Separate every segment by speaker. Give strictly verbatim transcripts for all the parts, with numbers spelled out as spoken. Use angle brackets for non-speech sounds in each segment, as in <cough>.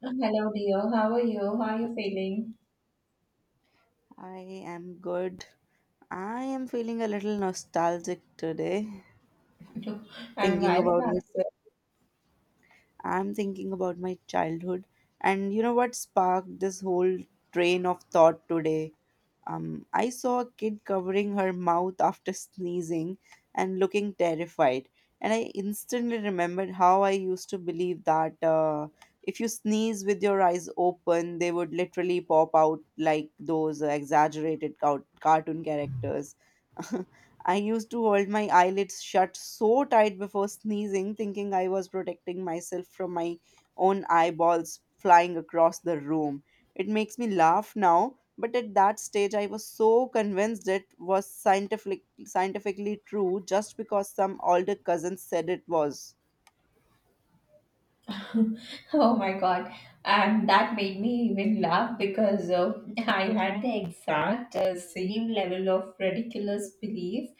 Speaker 1: Hello, dear. How are you? How are you feeling?
Speaker 2: I am good. I am feeling a little nostalgic today,
Speaker 1: <laughs> And
Speaker 2: thinking
Speaker 1: why is
Speaker 2: about my,
Speaker 1: that so?
Speaker 2: I'm thinking about my childhood. And you know what sparked this whole train of thought today? Um, I saw a kid covering her mouth after sneezing and looking terrified. And I instantly remembered how I used to believe that uh, if you sneeze with your eyes open, they would literally pop out like those exaggerated cow- cartoon characters. <laughs> I used to hold my eyelids shut so tight before sneezing, thinking I was protecting myself from my own eyeballs flying across the room. It makes me laugh now, but at that stage I was so convinced it was scientific, scientifically true just because some older cousins said it was.
Speaker 1: <laughs> Oh my God. And that made me even laugh because uh, I had the exact uh, same level of ridiculous belief,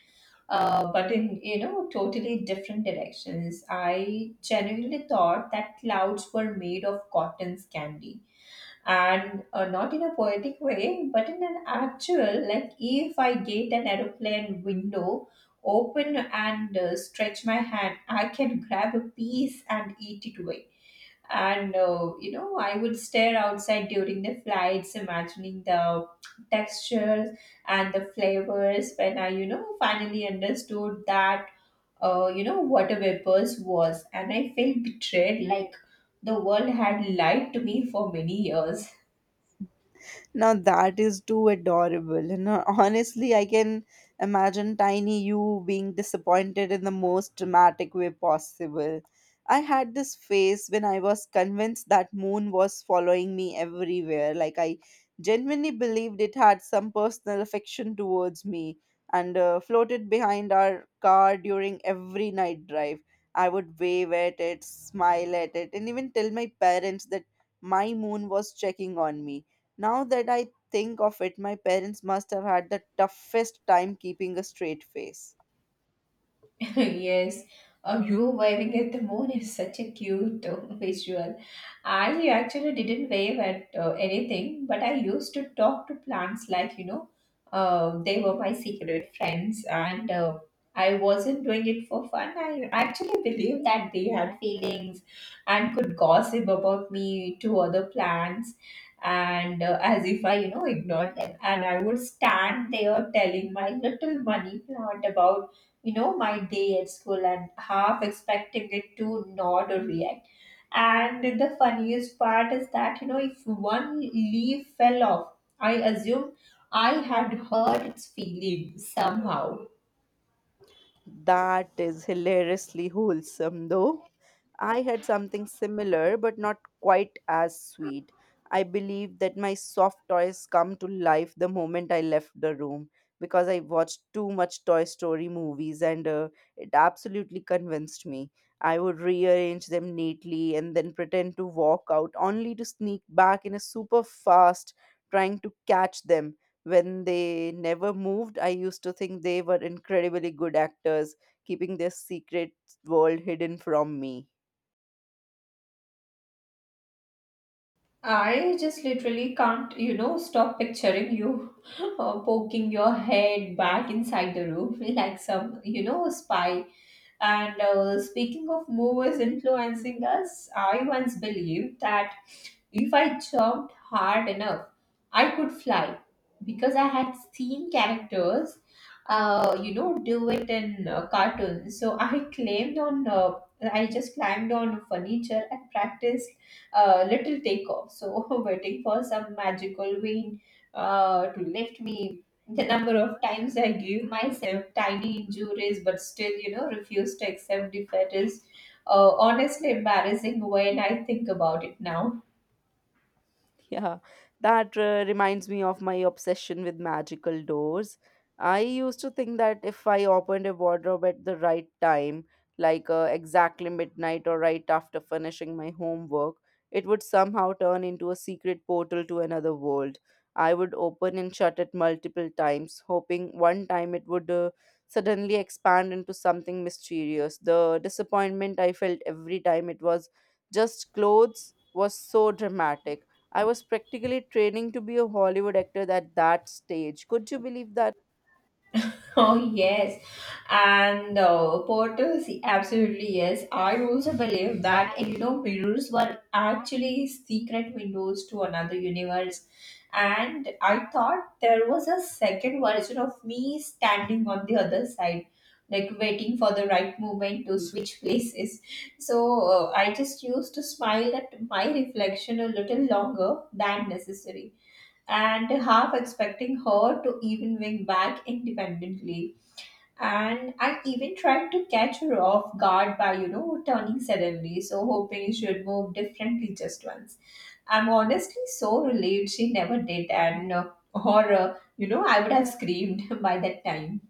Speaker 1: uh, but in, you know, totally different directions. I genuinely thought that clouds were made of cotton's candy and uh, not in a poetic way but in an actual, like, if I get an aeroplane window open and uh, stretch my hand I can grab a piece and eat it away. And uh, you know, I would stare outside during the flights imagining the textures and the flavors. When I, you know, finally understood that, uh, you know, what a vapors was, and I felt betrayed, like the world had lied to me for many years.
Speaker 2: Now that is too adorable. You know, <laughs> honestly, I can imagine tiny you being disappointed in the most dramatic way possible. I had this phase when I was convinced that moon was following me everywhere. Like I genuinely believed it had some personal affection towards me and uh, floated behind our car during every night drive. I would wave at it, smile at it, and even tell my parents that my moon was checking on me. Now that I think of it, my parents must have had the toughest time keeping a straight face.
Speaker 1: <laughs> Yes, uh, you waving at the moon is such a cute uh, <laughs> visual. I actually didn't wave at uh, anything, but I used to talk to plants, like, you know, uh, they were my secret friends, and uh, I wasn't doing it for fun. I actually believed that they had feelings and could gossip about me to other plants. And uh, as if I, you know, ignored them, and I would stand there telling my little money plant about, you know, my day at school and half expecting it to nod or react. And the funniest part is that, you know, if one leaf fell off, I assume I had hurt its feelings somehow.
Speaker 2: That is hilariously wholesome, though. I had something similar, but not quite as sweet. I believe that my soft toys come to life the moment I left the room because I watched too much Toy Story movies, and uh, it absolutely convinced me. I would rearrange them neatly and then pretend to walk out only to sneak back in a super fast, trying to catch them. When they never moved, I used to think they were incredibly good actors, keeping their secret world hidden from me.
Speaker 1: I just literally can't, you know, stop picturing you <laughs> uh, poking your head back inside the room <laughs> like some, you know, spy. And uh, speaking of movies influencing us, I once believed that if I jumped hard enough, I could fly because I had seen characters uh, you know, do it in uh, cartoons. So I climbed on, uh, I just climbed on furniture and practiced uh, little takeoff. So <laughs> waiting for some magical wind uh, to lift me. The number of times I gave myself tiny injuries, but still, you know, refused to accept defeat is uh, honestly embarrassing when I think about it now.
Speaker 2: <laughs> Yeah, that uh, reminds me of my obsession with magical doors. I used to think that if I opened a wardrobe at the right time, like uh, exactly midnight or right after finishing my homework, it would somehow turn into a secret portal to another world. I would open and shut it multiple times, hoping one time it would uh, suddenly expand into something mysterious. The disappointment I felt every time it was just clothes was so dramatic. I was practically training to be a Hollywood actor at that stage. Could you believe that?
Speaker 1: <laughs> Oh, yes. And uh, portals, absolutely yes. I also believe that, you know, mirrors were actually secret windows to another universe. And I thought there was a second version of me standing on the other side, like waiting for the right moment to switch places. So uh, I just used to smile at my reflection a little longer than necessary and half expecting her to even wing back independently. And I even tried to catch her off guard by, you know, turning suddenly, so hoping she would move differently just once. I'm honestly so relieved she never did, and uh, <laughs> or uh, you know, I would have screamed <laughs> by that time.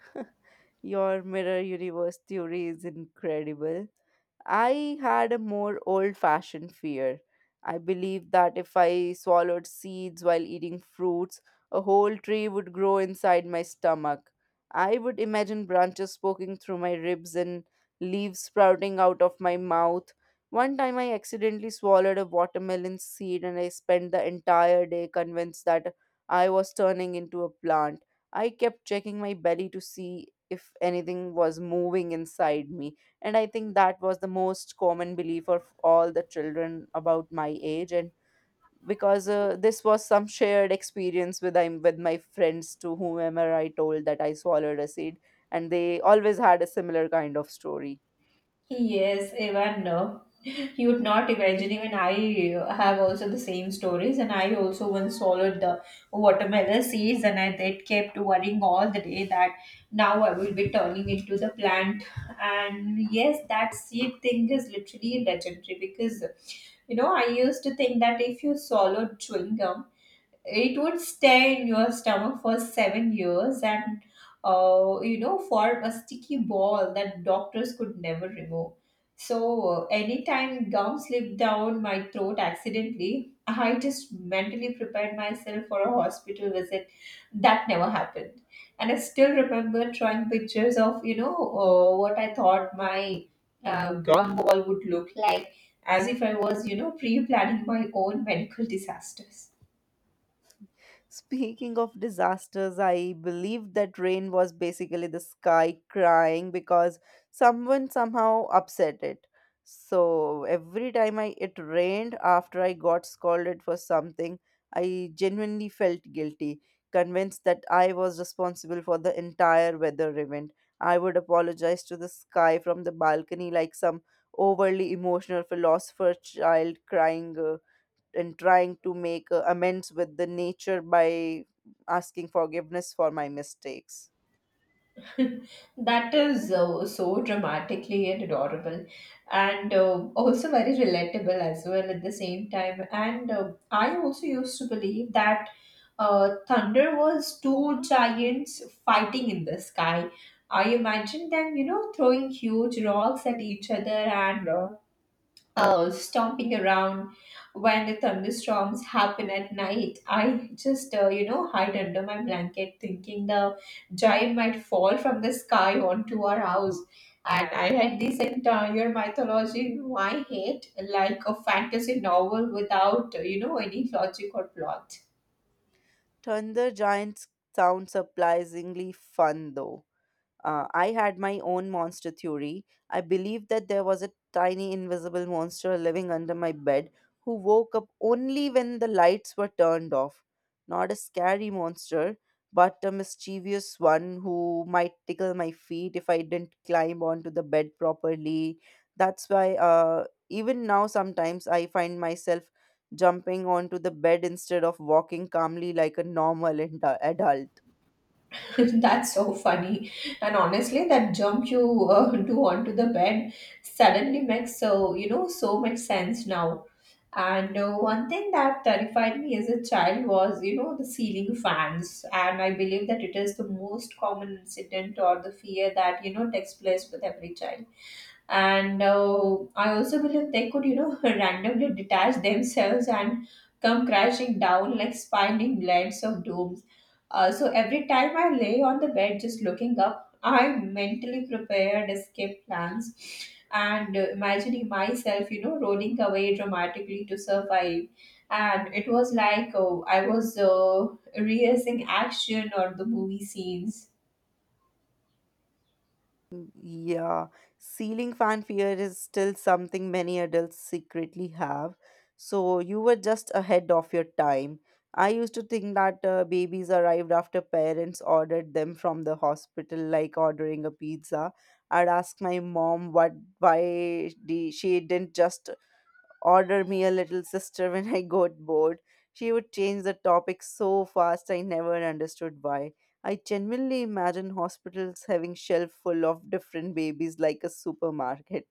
Speaker 2: <laughs> Your mirror universe theory is incredible. I had a more old fashioned fear. I believed that if I swallowed seeds while eating fruits, a whole tree would grow inside my stomach. I would imagine branches poking through my ribs and leaves sprouting out of my mouth. One time I accidentally swallowed a watermelon seed and I spent the entire day convinced that I was turning into a plant. I kept checking my belly to see if anything was moving inside me. And I think that was the most common belief of all the children about my age. And because uh, this was some shared experience with, I'm with my friends, to whomever I told that I swallowed a seed, and they always had a similar kind of story.
Speaker 1: Yes, even no. You would not imagine, even I have also the same stories, and I also once swallowed the watermelon seeds, and I that kept worrying all the day that now I will be turning into the plant. And yes, that seed thing is literally legendary because, you know, I used to think that if you swallowed chewing gum, it would stay in your stomach for seven years and uh, you know, form a sticky ball that doctors could never remove. So uh, anytime gum slipped down my throat accidentally, I just mentally prepared myself for a hospital visit that never happened. And I still remember drawing pictures of, you know, uh, what I thought my uh, gum ball would look like, as if I was, you know, pre-planning my own medical disasters.
Speaker 2: Speaking of disasters, I believe that rain was basically the sky crying because someone somehow upset it. So every time I it rained after I got scolded for something, I genuinely felt guilty, convinced that I was responsible for the entire weather event. I would apologize to the sky from the balcony like some overly emotional philosopher child, crying uh, and trying to make uh, amends with the nature by asking forgiveness for my mistakes.
Speaker 1: <laughs> That is uh, so dramatically and adorable, and uh, also very relatable as well at the same time. And uh, I also used to believe that uh, thunder was two giants fighting in the sky. I imagined them, you know, throwing huge rocks at each other and uh, uh, stomping around when the thunderstorms happen at night. I just, uh, you know, hide under my blanket thinking the giant might fall from the sky onto our house. And I had this entire mythology in my head, like a fantasy novel without, uh, you know, any logic or plot.
Speaker 2: Thunder Giants sound surprisingly fun though. Uh, I had my own monster theory. I believed that there was a tiny invisible monster living under my bed who woke up only when the lights were turned off. Not a scary monster, but a mischievous one who might tickle my feet if I didn't climb onto the bed properly. That's why, uh, even now, sometimes I find myself jumping onto the bed instead of walking calmly like a normal ad- adult.
Speaker 1: <laughs> That's so funny. And honestly, that jump you uh, do onto the bed suddenly makes so, you know, so much sense now. And uh, one thing that terrified me as a child was, you know, the ceiling fans. And I believe that it is the most common incident or the fear that, you know, takes place with every child. And uh, I also believe they could, you know, <laughs> randomly detach themselves and come crashing down like spinning blades of dooms. Uh, so every time I lay on the bed just looking up, I mentally prepared escape plans and uh, imagining myself, you know, rolling away dramatically to survive. And it was like, oh, I was uh, rehearsing action or the movie scenes.
Speaker 2: Yeah, ceiling fan fear is still something many adults secretly have. So you were just ahead of your time. I used to think that uh, babies arrived after parents ordered them from the hospital, like ordering a pizza. I'd ask my mom what, why di- she didn't just order me a little sister when I got bored. She would change the topic so fast I never understood why. I genuinely imagine hospitals having shelf full of different babies like a supermarket.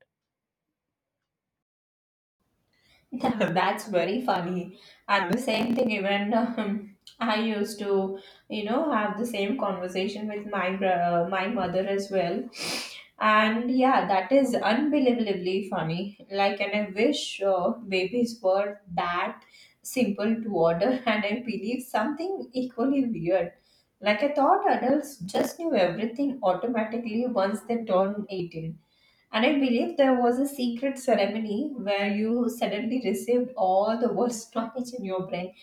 Speaker 1: <laughs> Yeah, that's very funny. And the same thing, even um, I used to, you know, have the same conversation with my bro- my mother as well. And yeah, that is unbelievably funny. Like, and I wish uh, babies were that simple to order. <laughs> And I believe something equally weird. Like, I thought adults just knew everything automatically once they turned eighteen. And I believe there was a secret ceremony where you suddenly received all the worst knowledge in your brain.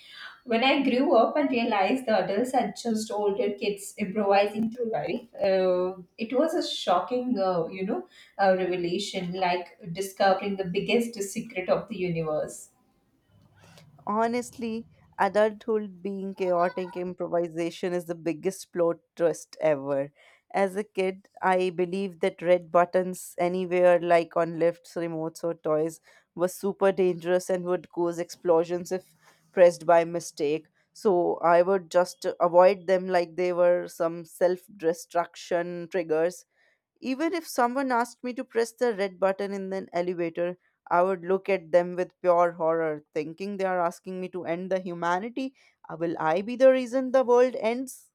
Speaker 1: When I grew up and realized the adults had just older kids improvising through life, uh, it was a shocking, uh, you know, uh, revelation, like discovering the biggest secret of the universe.
Speaker 2: Honestly, adulthood being chaotic improvisation is the biggest plot twist ever. As a kid, I believed that red buttons anywhere, like on lifts, remotes, or toys, were super dangerous and would cause explosions if pressed by mistake. So I would just avoid them like they were some self destruction triggers. Even if someone asked me to press the red button in an elevator, I would look at them with pure horror, thinking they are asking me to end the humanity. Uh, Will I be the reason the world ends?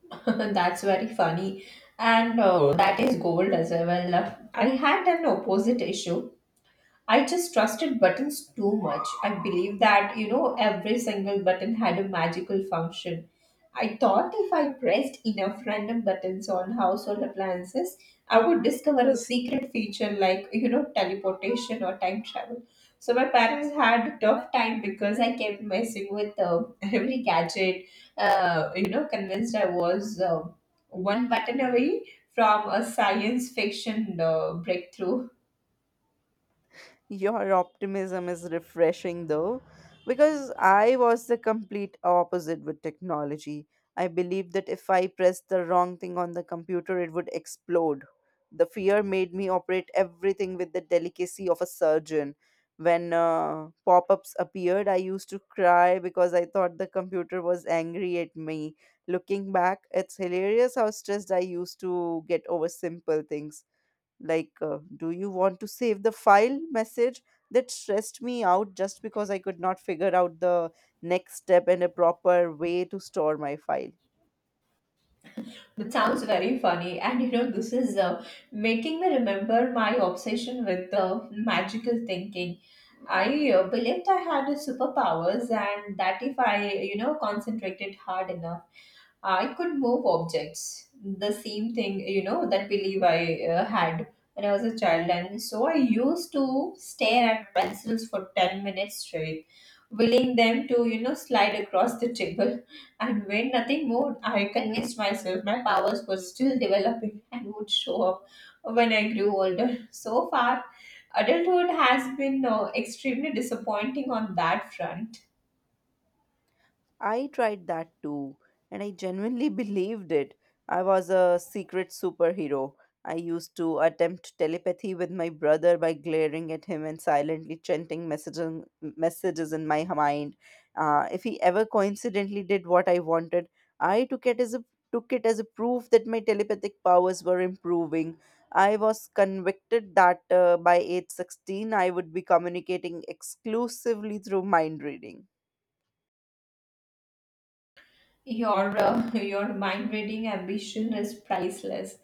Speaker 1: <laughs> That's very funny. And uh, that is gold as well. I had an opposite issue. I just trusted buttons too much. I believed that, you know, every single button had a magical function. I thought if I pressed enough random buttons on household appliances, I would discover a secret feature like, you know, teleportation or time travel. So my parents had a tough time because I kept messing with uh, <laughs> every gadget, uh, you know, convinced I was uh, one button away from a science fiction uh, breakthrough.
Speaker 2: Your optimism is refreshing though, because I was the complete opposite with technology. I believed that if I pressed the wrong thing on the computer, it would explode. The fear made me operate everything with the delicacy of a surgeon. When uh, pop ups appeared, I used to cry because I thought the computer was angry at me. Looking back, it's hilarious how stressed I used to get over simple things like, uh, do you want to save the file message, that stressed me out just because I could not figure out the next step and a proper way to store my file.
Speaker 1: That sounds very funny, and, you know, this is uh, making me remember my obsession with uh, magical thinking. I uh, believed I had superpowers, and that if I, you know, concentrated hard enough, I could move objects. The same thing, you know, that belief I uh, had when I was a child. And so I used to stare at pencils for ten minutes straight, willing them to, you know, slide across the table. And when nothing moved, I convinced myself my powers were still developing and would show up when I grew older. So far, adulthood has been uh, extremely disappointing on that front.
Speaker 2: I tried that too, and I genuinely <laughs> believed it. I was a secret superhero. I used to attempt telepathy with my brother by glaring at him and silently chanting messages, messages in my mind. Uh, if he ever coincidentally did what I wanted, I took it as a took it as a proof that my telepathic powers were improving. I was convicted that uh, by age sixteen I would be communicating exclusively through mind reading.
Speaker 1: Your uh, <laughs> your mind reading ambition is priceless.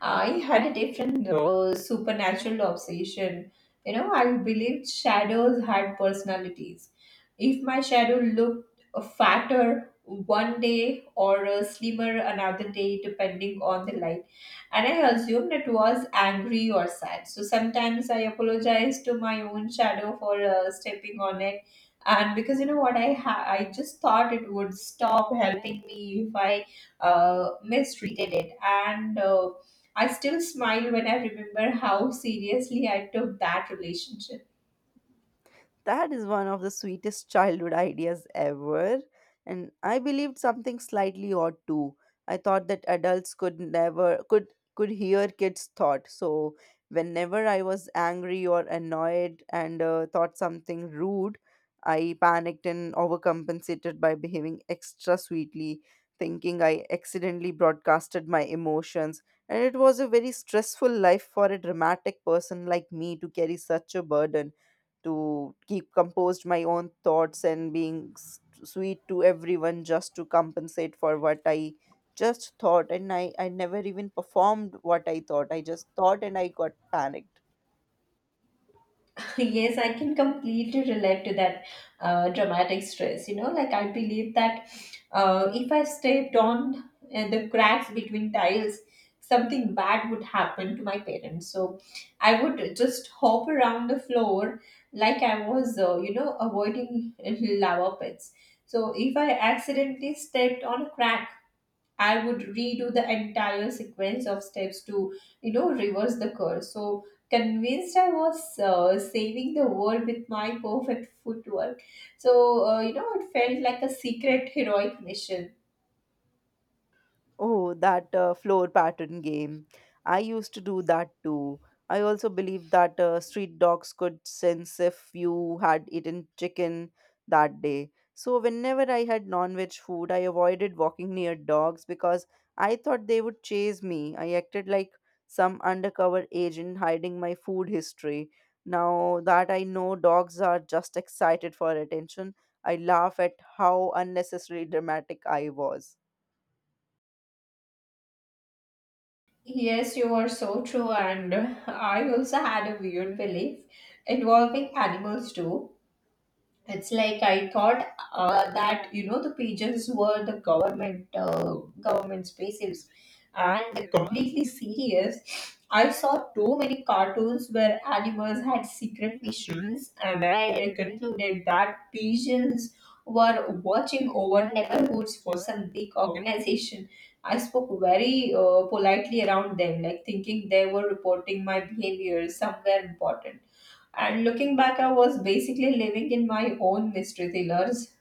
Speaker 1: I had a different uh, supernatural obsession. You know, I believed shadows had personalities. If my shadow looked uh, fatter one day or uh, slimmer another day, depending on the light, and I assumed it was angry or sad. So sometimes I apologize to my own shadow for uh, stepping on it. And because, you know what, I ha- I just thought it would stop helping me if I uh, mistreated it. And uh, I still smile when I remember how seriously I took that relationship.
Speaker 2: That is one of the sweetest childhood ideas ever. And I believed something slightly odd too. I thought that adults could never could could hear kids' thought. So whenever I was angry or annoyed and uh, thought something rude, I panicked and overcompensated by behaving extra sweetly, thinking I accidentally broadcasted my emotions. And it was a very stressful life for a dramatic person like me to carry such a burden, to keep composed my own thoughts and being s- sweet to everyone just to compensate for what I just thought. And I, I never even performed what I thought. I just thought and I got panicked.
Speaker 1: <laughs> Yes, I can completely relate to that uh, dramatic stress. You know, like I believe that uh, if I stepped on uh, the cracks between tiles, something bad would happen to my parents. So I would just hop around the floor like I was, uh, you know, avoiding uh, lava pits. So if I accidentally stepped on a crack, I would redo the entire sequence of steps to, you know, reverse the curse. So convinced I was uh, saving the world with my perfect footwork. So, uh, you know, it felt like a secret heroic mission.
Speaker 2: Oh, that uh, floor pattern game. I used to do that too. I also believed that uh, street dogs could sense if you had eaten chicken that day. So, whenever I had non veg food, I avoided walking near dogs because I thought they would chase me. I acted like some undercover agent hiding my food history. Now that I know dogs are just excited for attention, I laugh at how unnecessarily dramatic I was.
Speaker 1: Yes, you are so true, and <laughs> I also had a weird belief involving animals too. It's like I thought uh, that, you know, the pages were the government uh, government spaces, and completely serious. I saw too many cartoons where animals had secret missions, and I concluded that pigeons were watching over neighborhoods for some big organization. I spoke very uh, politely around them, like thinking they were reporting my behavior somewhere important. And looking back, I was basically living in my own mystery thrillers.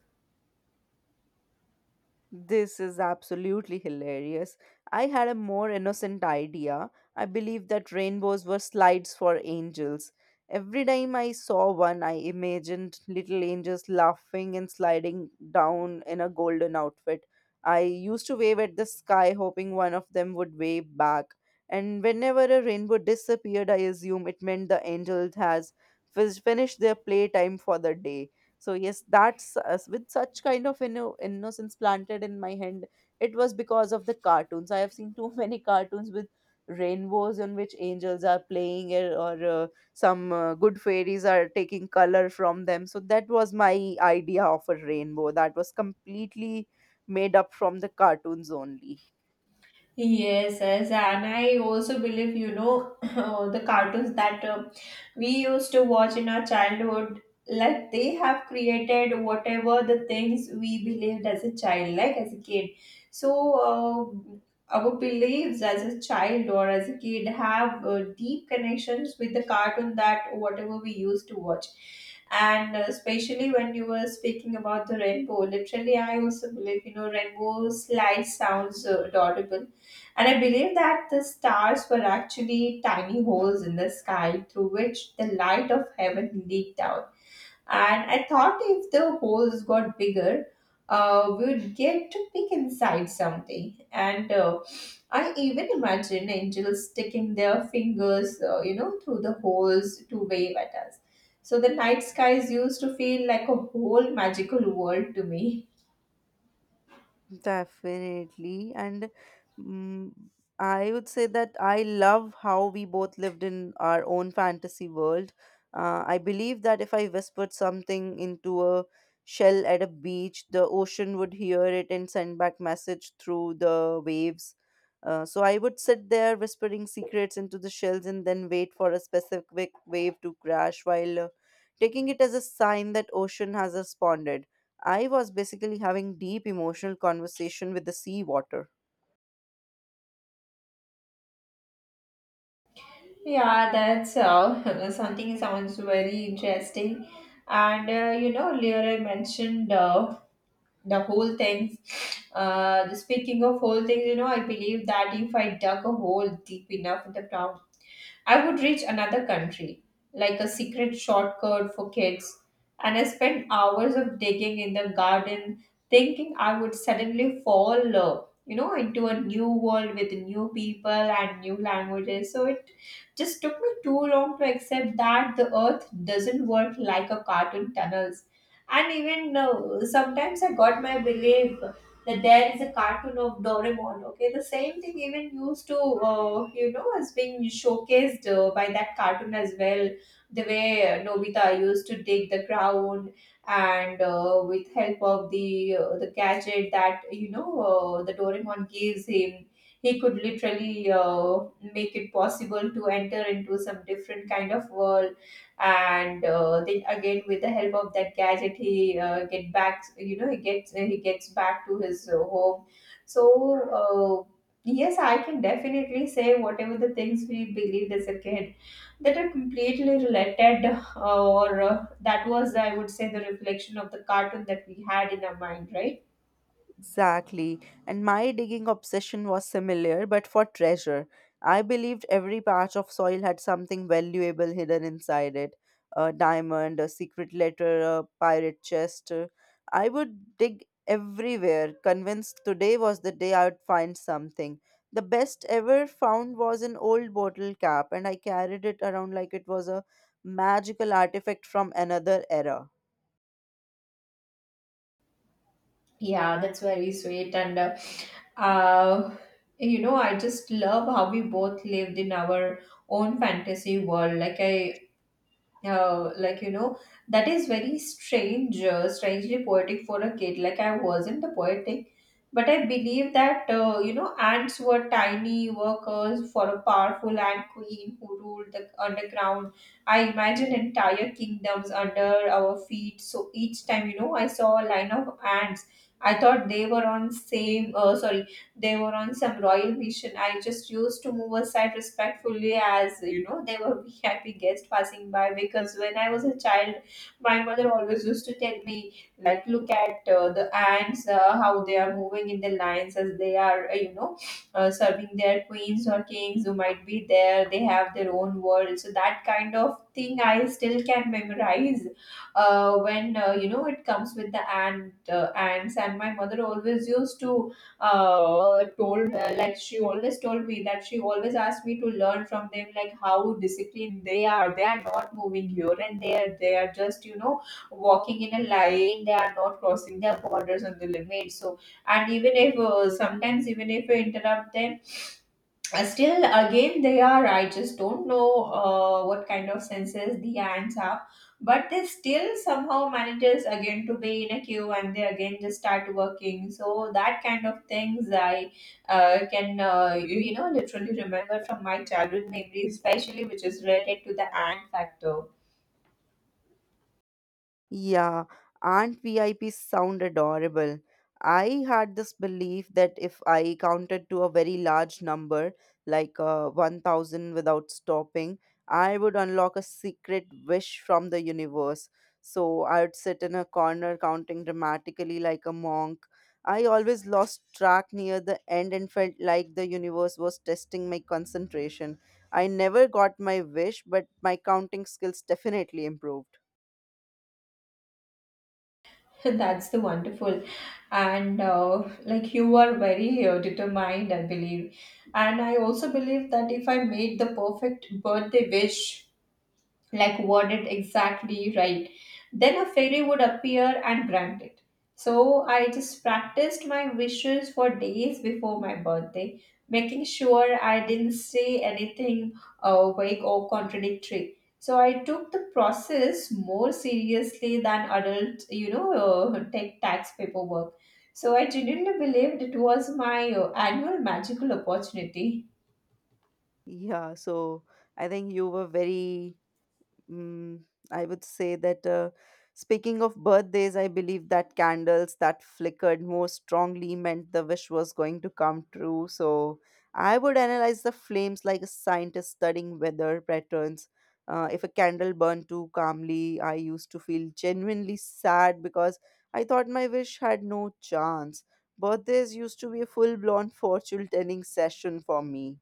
Speaker 2: This is absolutely hilarious. I had a more innocent idea. I believed that rainbows were slides for angels. Every time I saw one, I imagined little angels laughing and sliding down in a golden outfit. I used to wave at the sky, hoping one of them would wave back. And whenever a rainbow disappeared, I assume it meant the angel has fis- finished their playtime for the day. So yes, that's uh, with such kind of inno- innocence planted in my hand. It was because of the cartoons I have seen, too <laughs> many cartoons with rainbows in which angels are playing it, or uh, some uh, good fairies are taking color from them. So that was my idea of a rainbow, that was completely made up from the cartoons only.
Speaker 1: Yes, yes, and I also believe, you know, <coughs> <clears throat> the cartoons that uh, we used to watch in our childhood, like they have created whatever the things we believed as a child, like as a kid. So uh, our beliefs as a child or as a kid have uh, deep connections with the cartoon that whatever we used to watch. And uh, especially when you were speaking about the rainbow, literally, I also believe, you know, rainbow slide sounds uh, adorable, and I believe that the stars were actually tiny holes in the sky through which the light of heaven leaked out. And I thought if the holes got bigger, uh, we would get to peek inside someday. And uh, I even imagine angels sticking their fingers, uh, you know, through the holes to wave at us. So the night skies used to feel like a whole magical world to me. <laughs>
Speaker 2: Definitely. And mm, I would say that I love how we both lived in our own fantasy world. Uh, I believe that if I whispered something into a shell at a beach, the ocean would hear it and send back message through the waves. Uh, so I would sit there whispering secrets into the shells and then wait for a specific wave to crash while uh, taking it as a sign that ocean has responded. I was basically having deep emotional conversation with the sea water.
Speaker 1: Yeah, that's uh, <laughs> something sounds very interesting. And uh, you know, earlier I mentioned uh, the whole thing. Uh, the speaking of whole things, you know, I believe that if I dug a hole deep enough in the ground, I would reach another country, like a secret shortcut for kids, and I spent hours of digging in the garden, thinking I would suddenly fall, uh, you know, into a new world with new people and new languages. So it just took me too long to accept that the earth doesn't work like a cartoon tunnels. And even uh, sometimes I got my belief that there is a cartoon of Doraemon. Okay, the same thing even used to uh, you know is being showcased uh, by that cartoon as well. The way uh, Nobita used to dig the ground and uh, with help of the uh, the gadget that you know uh, the Doraemon gives him. He could literally uh, make it possible to enter into some different kind of world, and uh, then again with the help of that gadget he uh, get back you know he gets uh, he gets back to his uh, home. So uh, yes, I can definitely say whatever the things we believed as a kid, that are completely related, uh, or uh, that was, I would say, the reflection of the cartoon that we had in our mind, right?
Speaker 2: Exactly. And my digging obsession was similar, but for treasure. I believed every patch of soil had something valuable hidden inside it, a diamond, a secret letter, a pirate chest. I would dig everywhere, convinced today was the day I would find something. The best ever found was an old bottle cap, and I carried it around like it was a magical artifact from another era.
Speaker 1: Yeah, that's very sweet. And uh, uh, you know, I just love how we both lived in our own fantasy world. Like i uh, like you know that is very strange uh, strangely poetic for a kid. Like, I wasn't the poetic, but I believe that uh, you know ants were tiny workers for a powerful ant queen who ruled the underground. I imagine entire kingdoms under our feet, so each time, you know, I saw a line of ants, I thought they were on same uh, sorry they were on some royal mission. I just used to move aside respectfully, as you know, they were <laughs> V I P guests passing by, because when I was a child, my mother always used to tell me, like, look at uh, the ants, uh, how they are moving in the lines as they are, uh, you know uh, serving their queens or kings who might be there. They have their own world. So that kind of thing I still can memorize uh, when uh, you know it comes with the ant uh, ants. And my mother always used to uh, told uh, like she always told me that she always asked me to learn from them, like how disciplined they are. They are not moving here and they are they are just, you know, walking in a line. They are not crossing their borders on the limit. So, and even if uh, sometimes, even if we interrupt them, uh, still again they are, I just don't know uh, what kind of senses the ants have, but they still somehow manages again to be in a queue, and they again just start working. So that kind of things i uh, can uh, you, you know literally remember from my childhood memory, especially which is related to the ant factor.
Speaker 2: Yeah, and V I Ps sound adorable. I had this belief that if I counted to a very large number, like uh, one thousand without stopping, I would unlock a secret wish from the universe. So I would sit in a corner counting dramatically like a monk. I always lost track near the end and felt like the universe was testing my concentration. I never got my wish, but my counting skills definitely improved.
Speaker 1: <laughs> That's the wonderful. And uh, like, you are very uh, determined, I believe. And I also believe that if I made the perfect birthday wish, like worded exactly right, then a fairy would appear and grant it. So I just practiced my wishes for days before my birthday, making sure I didn't say anything uh, vague or contradictory. So I took the process more seriously than adult, you know, uh, tech tax paperwork. So I genuinely believed it was my uh, annual magical opportunity.
Speaker 2: Yeah, so I think you were very, mm, I would say that uh, speaking of birthdays, I believe that candles that flickered more strongly meant the wish was going to come true. So I would analyze the flames like a scientist studying weather patterns. Uh, if a candle burned too calmly, I used to feel genuinely sad because I thought my wish had no chance. Birthdays used to be a full blown fortune telling session for me.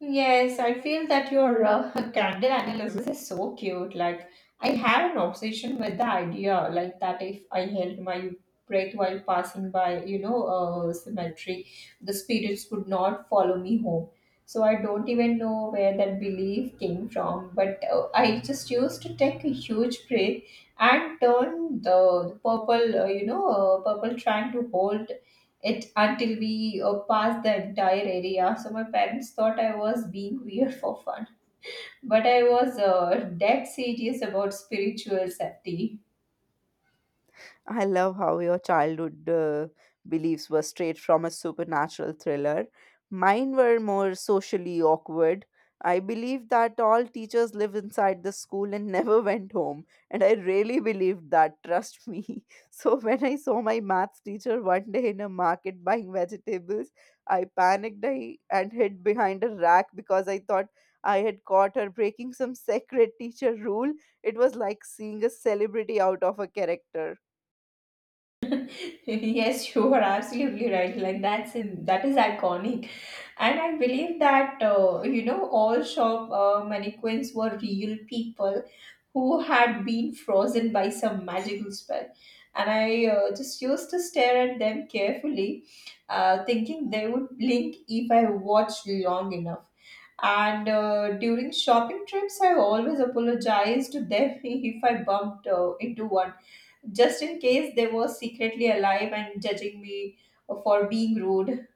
Speaker 1: Yes, I feel that your uh, <laughs> candle analysis is so cute. Like, I have an obsession with the idea, like that if I held my breath while passing by, you know, a cemetery, the spirits would not follow me home. So I don't even know where that belief came from, but uh, I just used to take a huge breath and turn the, the purple, uh, you know, uh, purple, trying to hold it until we uh, passed the entire area. So my parents thought I was being weird for fun, but I was uh, dead serious about spiritual safety.
Speaker 2: I love how your childhood uh, beliefs were straight from a supernatural thriller. Mine were more socially awkward. I believed that all teachers live inside the school and <laughs> never went home, and I really believed that, trust me. <laughs> So, when I saw my maths teacher one day in a market buying vegetables, I panicked I, and hid behind a rack because I thought I had caught her breaking some <laughs> sacred teacher rule. It was like seeing a celebrity out of a character.
Speaker 1: <laughs> Yes, you are absolutely right. Like, that's in, that is iconic. And I believe that, uh, you know, all shop uh, mannequins were real people who had been frozen by some magical spell. And I uh, just used to stare at them carefully, uh, thinking they would blink if I watched long enough. And uh, during shopping trips, I always apologized to them <laughs> if I bumped uh, into one, just in case they were secretly alive and judging me for being rude.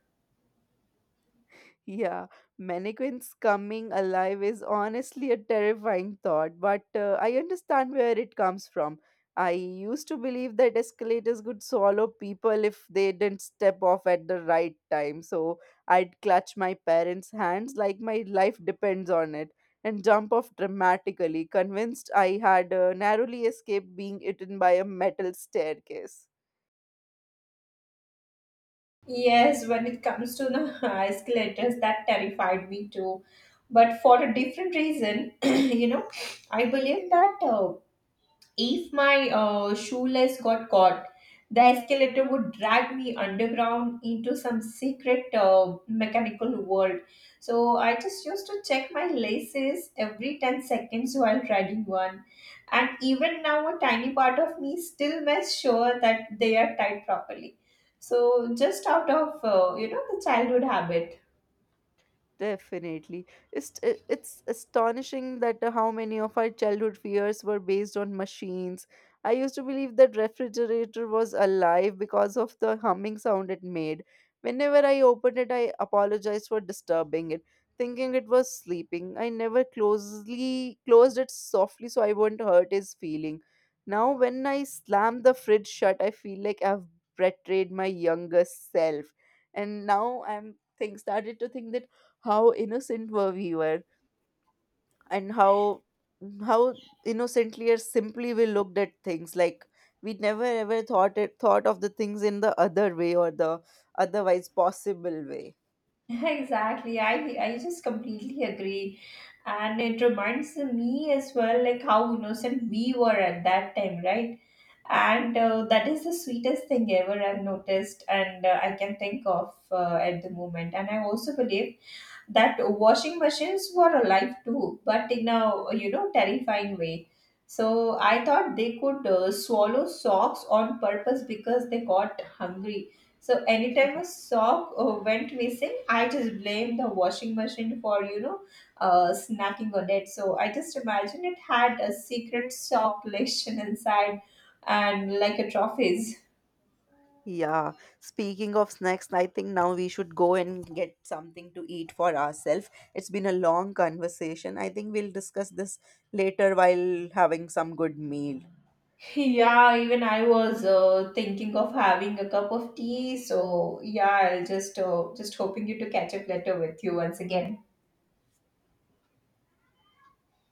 Speaker 2: Yeah, mannequins coming alive is honestly a terrifying thought, but uh, I understand where it comes from. I used to believe that escalators could swallow people if they didn't step off at the right time, so I'd clutch my parents' hands like my life depends on it and jump off dramatically, convinced I had uh, narrowly escaped being eaten by a metal staircase.
Speaker 1: Yes, when it comes to the <laughs> escalators, that terrified me too. But for a different reason, <clears throat> you know, I believe that uh, if my uh, shoelace got caught, the escalator would drag me underground into some secret uh, mechanical world. So I just used to check my laces every ten seconds while riding one. And even now, a tiny part of me still makes sure that they are tied properly. So just out of, uh, you know, the childhood habit.
Speaker 2: Definitely. It's it's astonishing that uh, how many of our childhood fears were based on machines. I used to believe that refrigerator was alive because of the humming sound it made. Whenever I opened it, I apologized for disturbing it, thinking it was sleeping. I never closely closed it softly so I wouldn't hurt his feeling. Now when I slam the fridge shut, I feel like I've betrayed my younger self. And now I'm think started to think that how innocent were we were and how how innocently or simply we looked at things, like we never ever thought it thought of the things in the other way or the otherwise possible way.
Speaker 1: <laughs> Exactly. I I just completely agree. And it reminds me as well, like how innocent we were at that time, right? And uh, that is the sweetest thing ever I've noticed, and uh, I can think of uh, at the moment. And I also believe that washing machines were alive too, but in a, you know, terrifying way. So I thought they could uh, swallow socks on purpose because they got hungry. So anytime a sock uh, went missing, I just blamed the washing machine for, you know, uh, snacking on it. So I just imagine it had a secret sock collection <laughs> inside, and like a trophies. <laughs>
Speaker 2: Yeah, speaking of snacks, I think now we should go and get something to eat for ourselves. It's been a long conversation. I think we'll discuss this later while having some good meal.
Speaker 1: Yeah, even I was uh, thinking of having a cup of tea. So yeah, I'll just uh, just hoping you to catch up later with you once again.